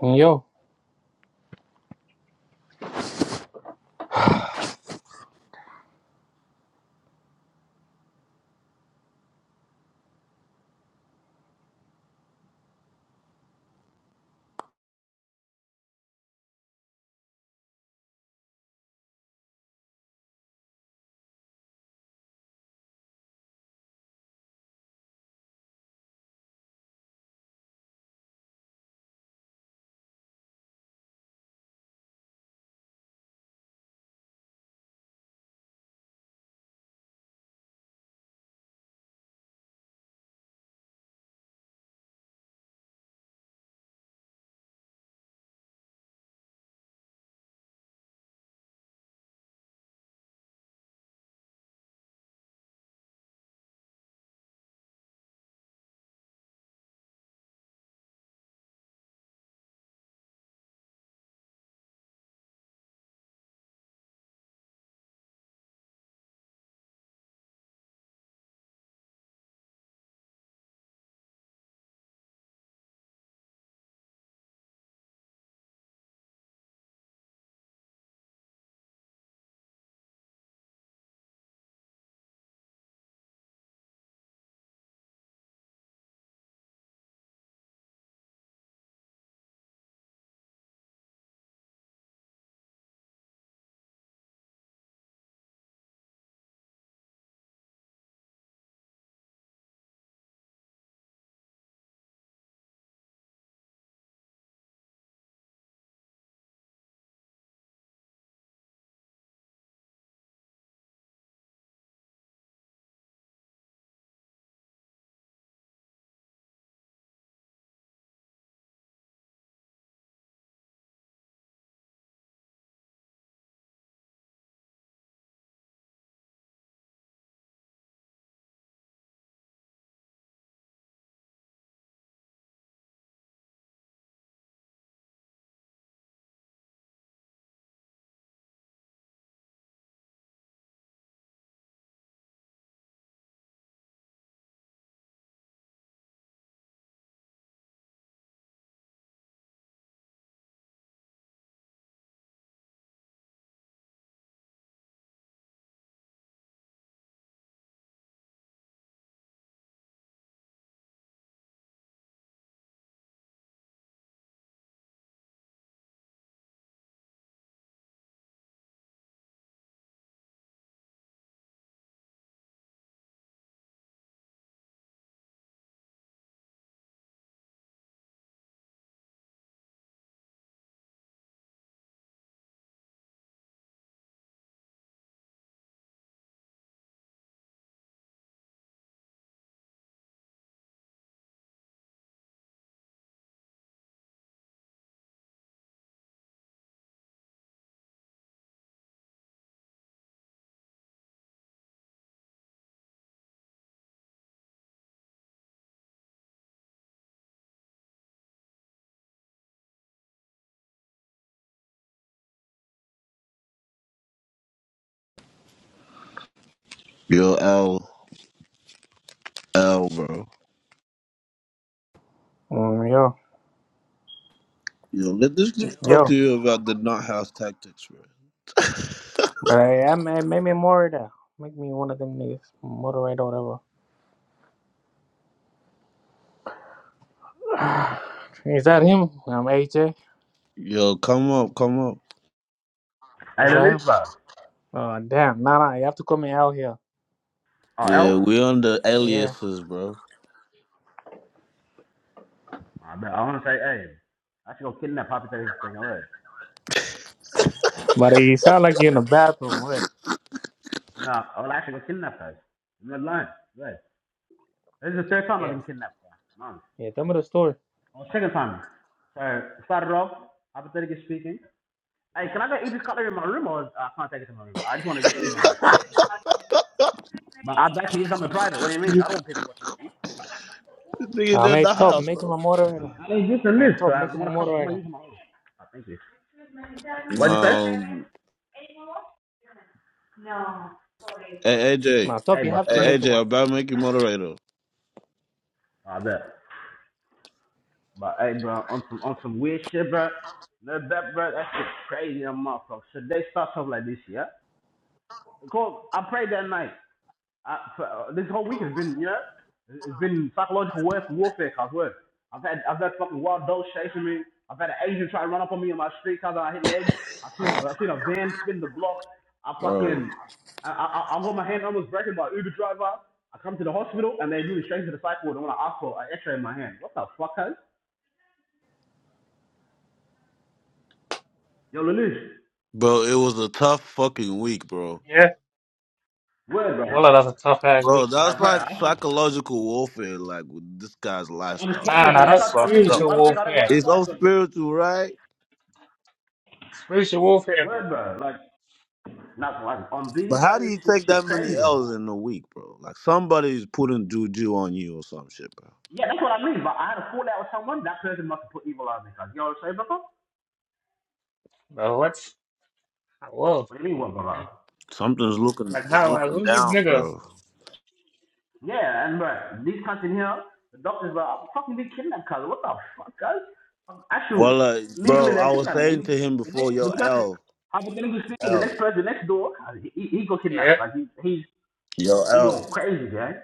Yo, Yo, L, L, bro. mm, yo, Yo, let this nigga talk yo. to you about the not house tactics, bro. But I, I ma- made me more that. Make me one of them niggas, moderator, or whatever. Is that him? I'm AJ. Yo, come up, come up. Hey, Is the that him? Lucifer. Oh damn, nah, nah. You have to come me out here. Oh, L? Yeah, we on the Yeah. aliases, bro. I bet I want to say A. I should go kidnap Happy Taste thing away. But you sound like you're in the bathroom, right? No, I will actually go kidnap her. I'm not lying. Right. This is the third time I've Yeah. been kidnapped. Sir. Mom. Yeah. Tell me the story. Oh, second time. So, started off, hypothetically speaking. Hey, can I go eat this cutlery in my room or uh, I can't take it to my room? I just want to get eat in my room. But I'd like to eat something private. What do you mean? I don't want people watching me eat. This nigga I did the made Uh, top. house, I'm, Make him bro. a moderator. i need this and Hey, this, so top. I Make him a want to cut it. I'm going moderator. to use my own. Oh, thank you. What'd you say? Um, hey, Nah, AJ, top. Hey, You but have to hey, swing. make him AJ, I'm one. about to make you moderator, Oh, I bet. But hey, bro, on some on some weird shit, bro. No bet, bro. That shit crazy, that motherfucker. Should they start stuff like this, yeah? Because I prayed that night. I, for, uh, this whole week has been, you know, it's been psychological warf- warfare, cause word. I've had I've had fucking wild dogs chasing me. I've had an Asian try to run up on me in my street cause I hit legs. I seen a, I seen a van spin the block. I bro. fucking I I, I got my hand almost broken by an Uber driver. I come to the hospital and they do me straight to the psych ward and want to ask for an X-ray in my hand. What the fuck, cuz? Yo, Lelouch. Bro, it was a tough fucking week, bro. Yeah. Word, bro. Well, that's a tough ass Bro, week, bro. that's Like, bro, like I, psychological warfare, like with this guy's I'm lifestyle. Nah, trying to, nah. and I That's try to tell Fucked niggas, up. spiritual one thing I don't go warfare. It's outside all but spiritual, right? Spiritual warfare, bro. word, bro, like, not like, on B, But how bro, do this, you this take shit that many crazy, bro. L's in a week, bro? Like somebody's putting juju on you or some shit, bro. Yeah, that's what I mean, but I had a fallout with someone, that person must have put evil on me, cuz, you know what I'm saying, bro? Bro, what's a wolf? What do you mean, what, Damn. bro? Something's looking Like is how I looking who's this down, nigga? bro. Yeah, and, bro, these cunts in here, the doctors, bro, I'm fucking being kidnapped, cuz, what the fuck, cuz? Actually, Well, uh, legally, bro, they I was kidnapped me. saying to him They need- The, before, next, yo, the person, L, hypothetically speaking, the L, next person the next door, he, he, he Yeah, kidnapped, like, he, he's, yo, he L, going crazy, gang.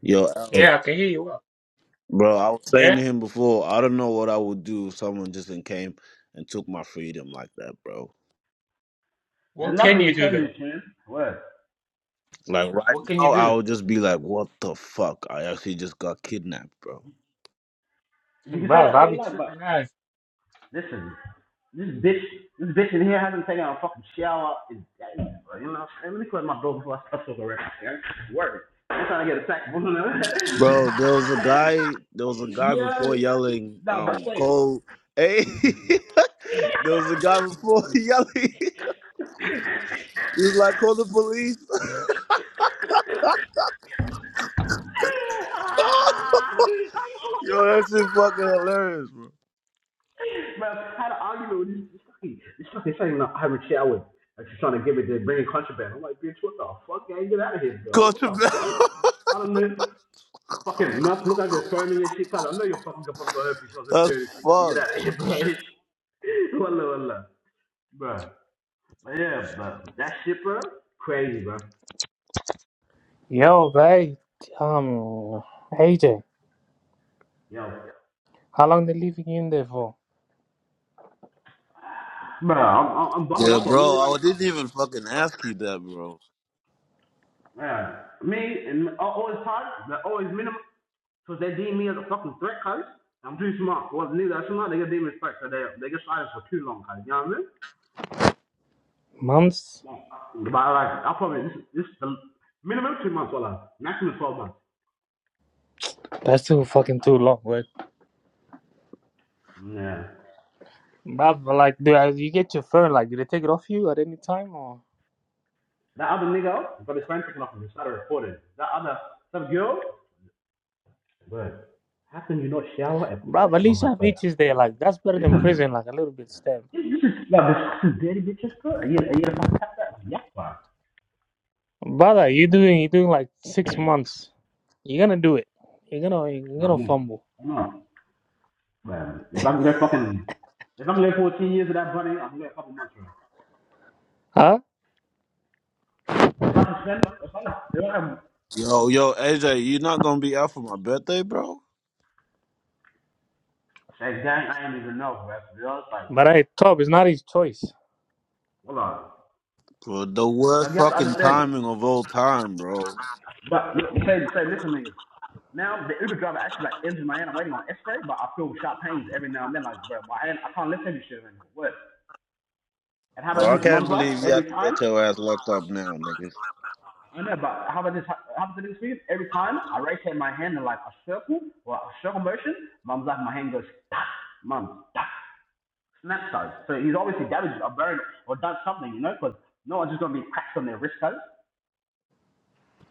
yo, L, yeah, I can hear you. Well, bro. I was saying yeah. to him before, I don't know what I would do if someone just then came and took my freedom like that, bro. There's What can nothing you you do can do, though? team. Word. Like right What can you now, I do? would just be like, what the fuck? I actually just got kidnapped, bro. You can say Bro, that I'll all you be like, but tripping ass, listen, this bitch, this bitch in here hasn't taken a fucking shower in days, bro. You know what I'm saying? Let me close my door before I start talking rap. Yeah? Word. I'm trying to get attacked. bro. Bro, there was a guy. There was a guy before yeah. yelling, Nah, but um, wait. "Cole, hey!" there was a guy before yelling. He was like, "Call the police!" Yo, that shit fucking hilarious, bro. Bro, I had an argument with this, fucking, this fucking thing in a Irish shower. And she's trying to give me the bringing contraband. I'm like, bitch, what the fuck? I ain't get out of here, bro. Call What the fuck? the I don't know. Fucking nuts. Look at the timing and shit, cuz. I know you're fucking gonna fucking gonna help yourself and dirty That's shit, cuz. You get out fucked. of here, bro. Wallah, wallah. bro. But yeah, bro. That shit, bro. Crazy, bro. Yo, hey, um, AJ, Yo. how long they leaving you in there for? Bro, I'm, I'm, buckled Yeah, up on bro. me right I didn't now. even fucking ask you that, bro. Yeah. Me and I always hard, but always minimum. So they deem me as a fucking threat, cuz. I'm too smart. Well, niggas are smart, they get deemed respect, so they, they get silent for too long, cuz. You know what I mean? Months? But like, I probably this this the minimum two months, well, maximum twelve months. That's too fucking too long, wait. Yeah. Bruv, but like, do uh, you get your phone? Like, do they take it off you at any time? Or, That other nigga got his phone taken off him and started recording. That other some girl, bro, how can you not shower and put bruv, at lotion on least my have face? itches there. Like, that's better than Listen, prison. Like, a little bit step. this is like this is dirty bitches, bro. Are you are you gonna fucking tap that? Yeah, bro. Brother, you doing, you doing like six months. You're gonna do it. You're gonna, you're No, gonna no, fumble, no, bro. If I can go fucking, if I can go 14 years of that bunny, I can go a couple months, bro. huh? If I can spend, if I can, if I can Yo, yo, AJ, you not gonna be out for my birthday, bro? say, gang, I ain't even know, bro. To be honest, like, But hey, Tob, it's not his choice. hold on. Bro, the Now worst you have to fucking understand. timing of all time, bro. But you say, say, listen, nigga. Now the Uber driver actually like injured my hand. I'm waiting on X-ray, but I feel sharp pains every now and then. Like, bro, my hand, I can't lift heavy shit anymore. What? And how about Bro, I this mum can't glass believe you every have to time? get your ass locked up now, nigga. I know, but how about this? How how about this week? Every time I raise hand my hand in like a circle or a circle motion, mum's like my hand goes pop, mum, pop, snap size. So he's obviously damaged or buried or done something, you know, because no one's just gonna be cracked on their wrist though.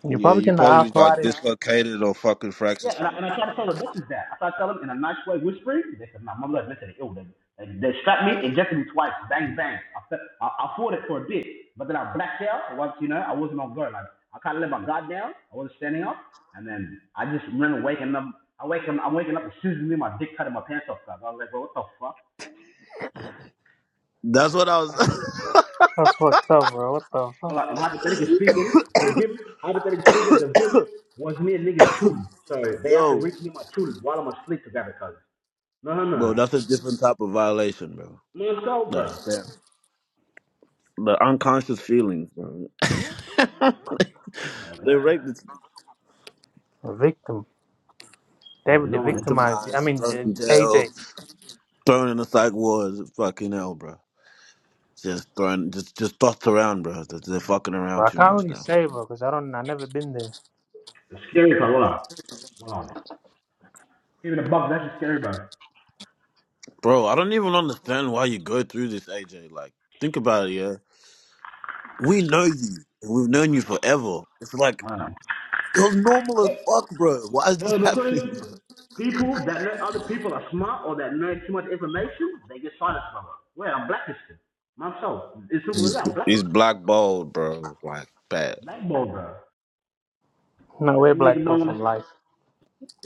You're Yeah, probably you getting the probably was like arthritis. shit. dislocated or fucking fractured Yeah, and I, and I something, tried to tell bro. the doctors that. I tried to tell them in a nice way, whispering. They said, "No, my blood vessel is ill." They, they, they strapped me, injected me twice, bang bang. I, fe- I, I fought it for a bit, but then I blacked out. Once you know, I wasn't on guard. Like I kind of let my guard down. I wasn't standing up, and then I just remember waking up. I wake up, I'm waking up and Susan Lee, my dick cut in my pants off. I was like, well, what the fuck? That's what I was. That's fucked up, bro. What the Well, fuck? I'm hypothetically speaking, the vim, hypothetically speaking, the vim was me and niggas children. So they have to Yo, reach me my children while I'm asleep together, cuz. No, no, bro, no. that's a different type of violation, bro. No, so, Like, bro. damn. The unconscious feelings, bro. they raped Voilà. this The victim. C'est David, the vraiment victimized. you. I victimized, mean, thrown in uh, jail, AJ. thrown in the psych ward. Fucking hell, bro. Just thrown, just just tossed around, bro. They're they're fucking But around I too can't much really now, say, bro, because I don't. I never been there. scary par là. Wow. Even a buck, that's a scary, bug. bro. I don't even understand why you go through this, AJ. Like, think about it, yeah. We know you. We've known you forever. It's like Wow. You're normal as Hey, fuck, bro. Why is this hey, McCoy, happening, bro? people that let other people are smart or that know too much information, they get silenced, brother. Well, I'm blacklisted. Myself. It's simple as He's that, he's blacklisted. blackballed, bro. Like bad. blackball, bro. No way, And nigga black girl don't from want to, life.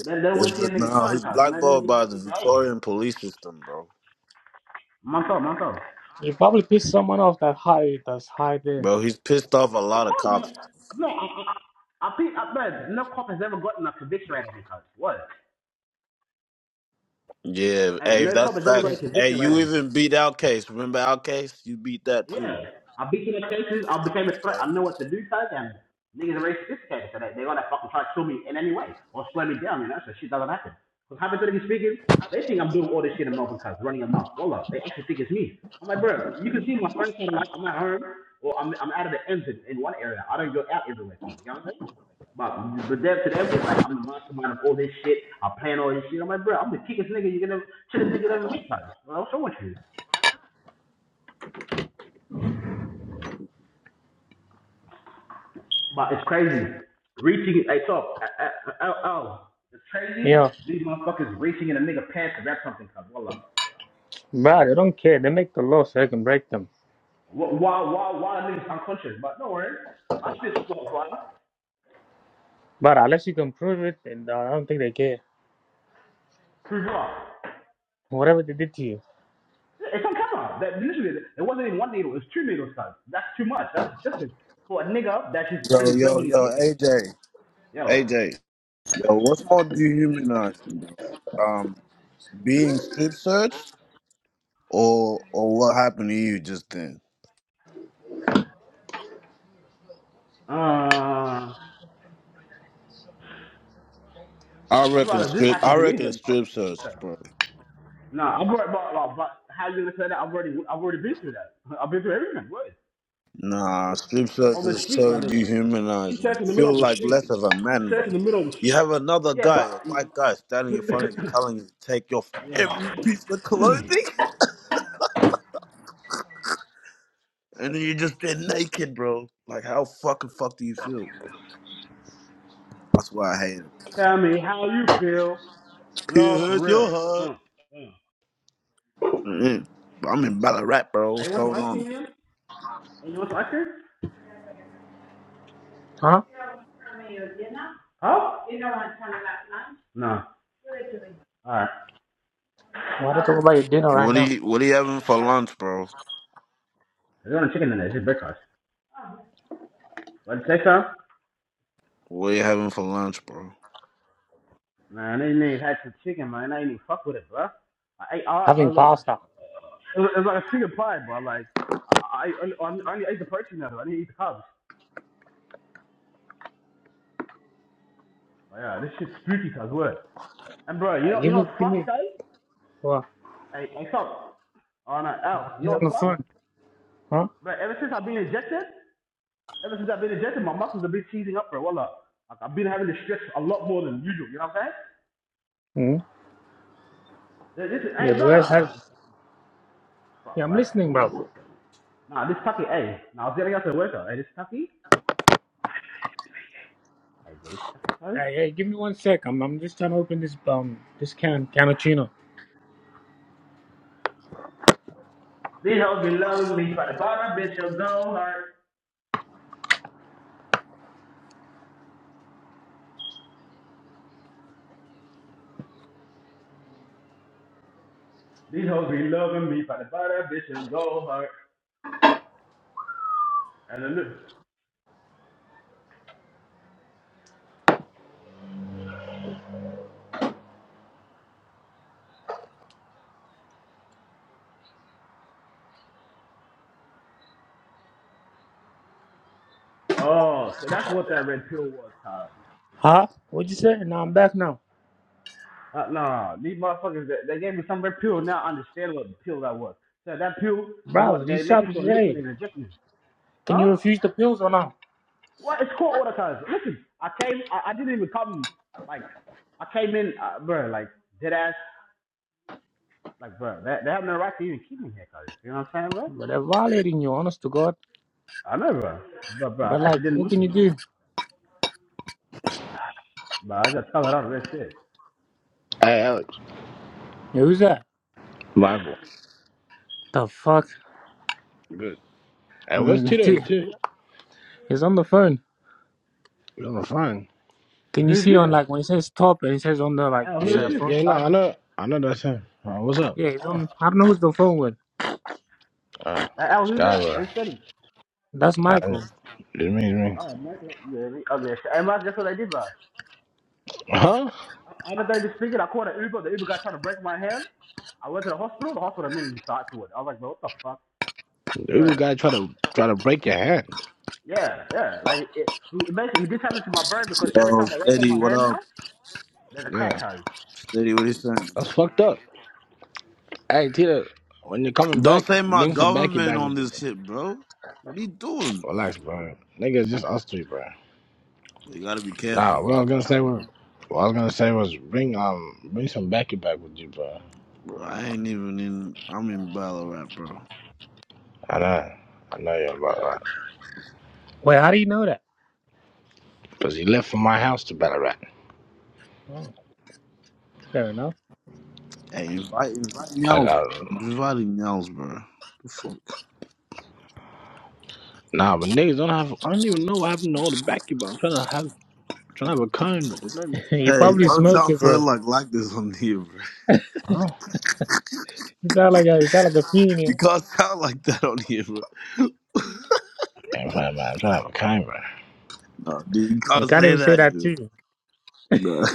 they don't want to see a It's, nigga no, shine he's cause, you know what I mean? blackballed by You the need to hate me. Victorian police system, bro. Myself, myself. You probably pissed someone off that high. That's high there. Bro, he's pissed off a Of lot of course, man. cops. Man, I, I, I, I, I, man, no cop has ever gotten a conviction out of me, cuz. What? Yeah, Hey, hey, if no cop that's has ever got a Shit. facts. Hey, conviction right you on me. even beat Outcase. Remember Outcase? You beat that too. Yeah. i beat been in the cases, I became a That's threat, I crazy. know what to do, cuz, and niggas are very sophisticated, so they, they're gonna fucking try to kill me in any way or slow me down, you know, so shit doesn't happen. Because hypothetically speaking, they think I'm doing all this shit in Melbourne, cuz, running a month. Wallah, they actually think it's me. I'm like, bro, you can see my friends saying, like, I'm at home, or I'm, I'm out of the ends in, in one area. I don't go out everywhere, cuz, you know what I'm saying? But but them to them is like I'm the mastermind of all this shit. I plan all this shit. I'm like, bro, I'm the kickest nigga you're gonna chillest nigga you ever meet, like, What's wrong with you? But it's crazy. Reaching, hey, top, oh, oh, it's crazy. Yeah, These motherfuckers reaching in a nigga pants to grab something, cuz, wallah. but they don't care. They make the law so they can break them. Wh- Why, why, why the niggas unconscious? But don't worry, my shit's just on fire. But unless you can prove it, and uh, I don't think they care. Prove it up. Whatever they did to you, It's on camera. That literally, it wasn't even one needle. It's two needles, cuz. That's too much. That's excessive for a nigga that is Yo, already yo, verbally yo, talking. AJ, Yo, AJ, yo, what's more dehumanizing, bro? Um, being Hmm? strip searched or or what happened to you just then? uh, I'd I reckon rather this strip. happen I to me reckon than fucking strip shit. search, cuz. bro. Nah, I'm worried about, about, about how you gonna say that. I've already I've already been through that. I've been through everything. What? Nah, strip search On the is street, my so nigga. Keep dehumanizing. sex in the You middle of feel the like street. less of a Keep man, sex bro. in the middle of the You street. have another Yeah, guy, but a white guy, standing in front of you, telling you to take off yeah. every piece of clothing, and then you just get naked, bro. Like, how fucking fuck do you feel? That's why I hate it. Tell me how you feel, It love for hurts real. your heart. Huh? Damn. Mm-mm. But I'm in Ballarat, bro. Hey, What's you want some going ice on? cream, man? Hey, you want some ice cream? huh? Huh? No. All right. Why don't you talk about your dinner right What are now? you What are you having for lunch, bro? I don't want chicken in there. It's just breakfast. What did you say, son? What are you having for lunch, bro? Man, I didn't even had some chicken, man. I didn't even fuck with it, bro. I ate all. I, Having look, pasta. It was, it was like a chicken pie, but like I I, I, I only ate the protein out of it. I didn't eat the carbs. But yeah, this shit's spooky cuz word. And bro, you Uh, know you give know me, what's give fucked, me. guys? What? Hey, hey, stop. Oh no, Al, you know He's on what's the fucked? phone. Huh? Bro, ever since I've been injected, ever since I've been injected, my muscles have been seizing up, bro. Wallah. Like, I've been having to stretch a lot more than usual, you know what I'm hmm saying? This, this is, Yeah, hey, but I have. brother! Yeah, Fuck, I'm bro. listening, bro. Nah, this tucky, hey. Nah, I was getting out to the workout. Hey, this tucky? Hey, bro, this tucky, cuz? Hey, hey, give me one sec. I'm, I'm just trying to open this um this can cannuccino. This hoe be lonely, but the bottom bitch will go hard. These hoes be loving me. If I buy that bitch and go hard. Hallelujah. Oh, so that's what that red pill was, Kyle. Huh? What'd you say? Now I'm That's back it. now, Uh, nah, these motherfuckers, they, they gave me some red pill. Now I understand what the pill that was. So that pill was bro. what they These make it shops, to a liquid hey, and inject me. can Huh? you refuse the pills or not? What? It's court order, cuz. Listen, I came, I, I didn't even come, like, I came in, uh, bro, like, dead ass, like, bro, they, they have no right to even keep me here, cuz. You know what I'm saying, bro? But they're violating you, honest to God. I know, bro. But, bro, But I actually like, didn't what look can you at cuz. do? But I just covered all of that shit. Hey, Alex, Yeah, who's that? Michael. The fuck? Good. Hey, where's Mm, Tito? Is dude, Tito? He's on the phone. Oh, fine. Can you Who's see this on like when it says top and it says on the at? like Al, Yeah, it's who's yeah, a this? phone yeah, no, sign? I know, I know that's him. Uh, what's up? Yeah, he's Al, on. I don't know who's the phone with. Uh, Al, who's that? Skyward. Who's Teddy? That's I Michael. just, it means me. am not. yeah, the ugly shit. Hey, man, guess what I did, bro? Huh? I- I'm not done just speaking. I called an Uber. The Uber guy trying to break my hand. I went to the hospital. The hospital immediately started to it. I was like, bro, what the fuck? Every Right. guy try to try to break your hand. Yeah, yeah. Like, it, he, basically, he did happen to my brain because every Yo, time I raise steady. my What hand now, up, there's a Yeah, crack hose. steady? What are you saying? that's fucked up. Hey, Tito, when you're coming Don't back, say my bring some backy government back on with you. this Bro. shit, bro. What are you doing? Relax, bro. Nigga, it's just us three, bro. You gotta be Nah, careful, what I bro. was gonna say was, what I was gonna say was, bring um, bring some backy back with you, bro. Bro, I ain't even in. I'm in Ballarat, bro. I know, I know you're about right. Wait, how do you know Cause he left for my house to Ballarat. that? Fair enough. Hey, invite, invite I Nels, got bro. I'm inviting Nels, bro. The fuck. nah, but niggas don't have. I don't even know what happened to all the basketball. I'm trying to have trying to have a kind, but there's nothing, You Hey, probably nothing. don't smoked sound it, so bro. like like this on here, bro. Huh? You sound like a you sound like a fiend. Yeah. You can't sound like that on here, bro. Yeah, I'm trying, man. I'm trying to have a kind, bro. No, dude, you You can't can't say even say that that here, too. bro. No.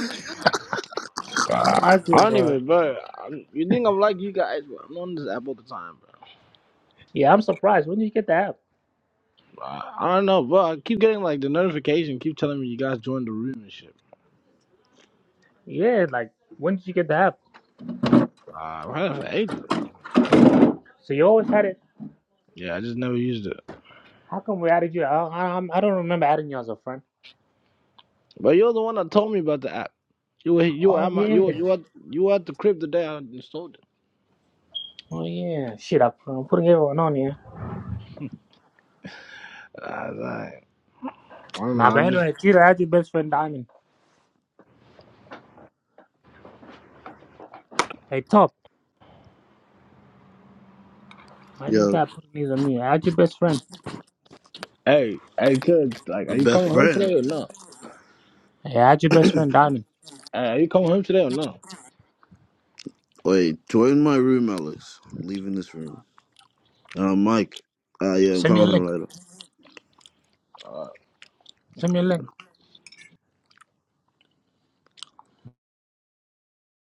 Bruh, I Michael, don't bro. even, bro. I'm, you think I'm like you guys? Bro. I'm on this app all the time, bro. Yeah, I'm surprised. When did you get the app? Bruh, I don't know, bro. I keep getting like the notification, keep telling me you guys joined the room and shit. Yeah, like when did you get the app? Bruh, I've had it for ages, bro. So you always had it. Yeah, I just never used it. How come we added you? I, I, I'm- I don't remember adding you as a friend. But you're the one that told me about the app. You were you were Oh at my yeah. you were, you were, you were at the crib the day I installed Oh yeah. Shit, I'm I'm putting everyone on here. it. I, was like, I don't know. Nah, but I'm just anyway, Tira, I had your best friend Diamond. Hey, top. I just Yo, got putting these on me. I had your best friend. Hey, hey, tell like, are my you best coming home friend. today or not? Hey, I had your best friend Diamond. Hey, are you coming home today or not? Wait, join my room, Alex. I'm leaving this room. Uh, Mike. Uh, yeah, I'm Send me a coming home link. later. Uh, Send me a link.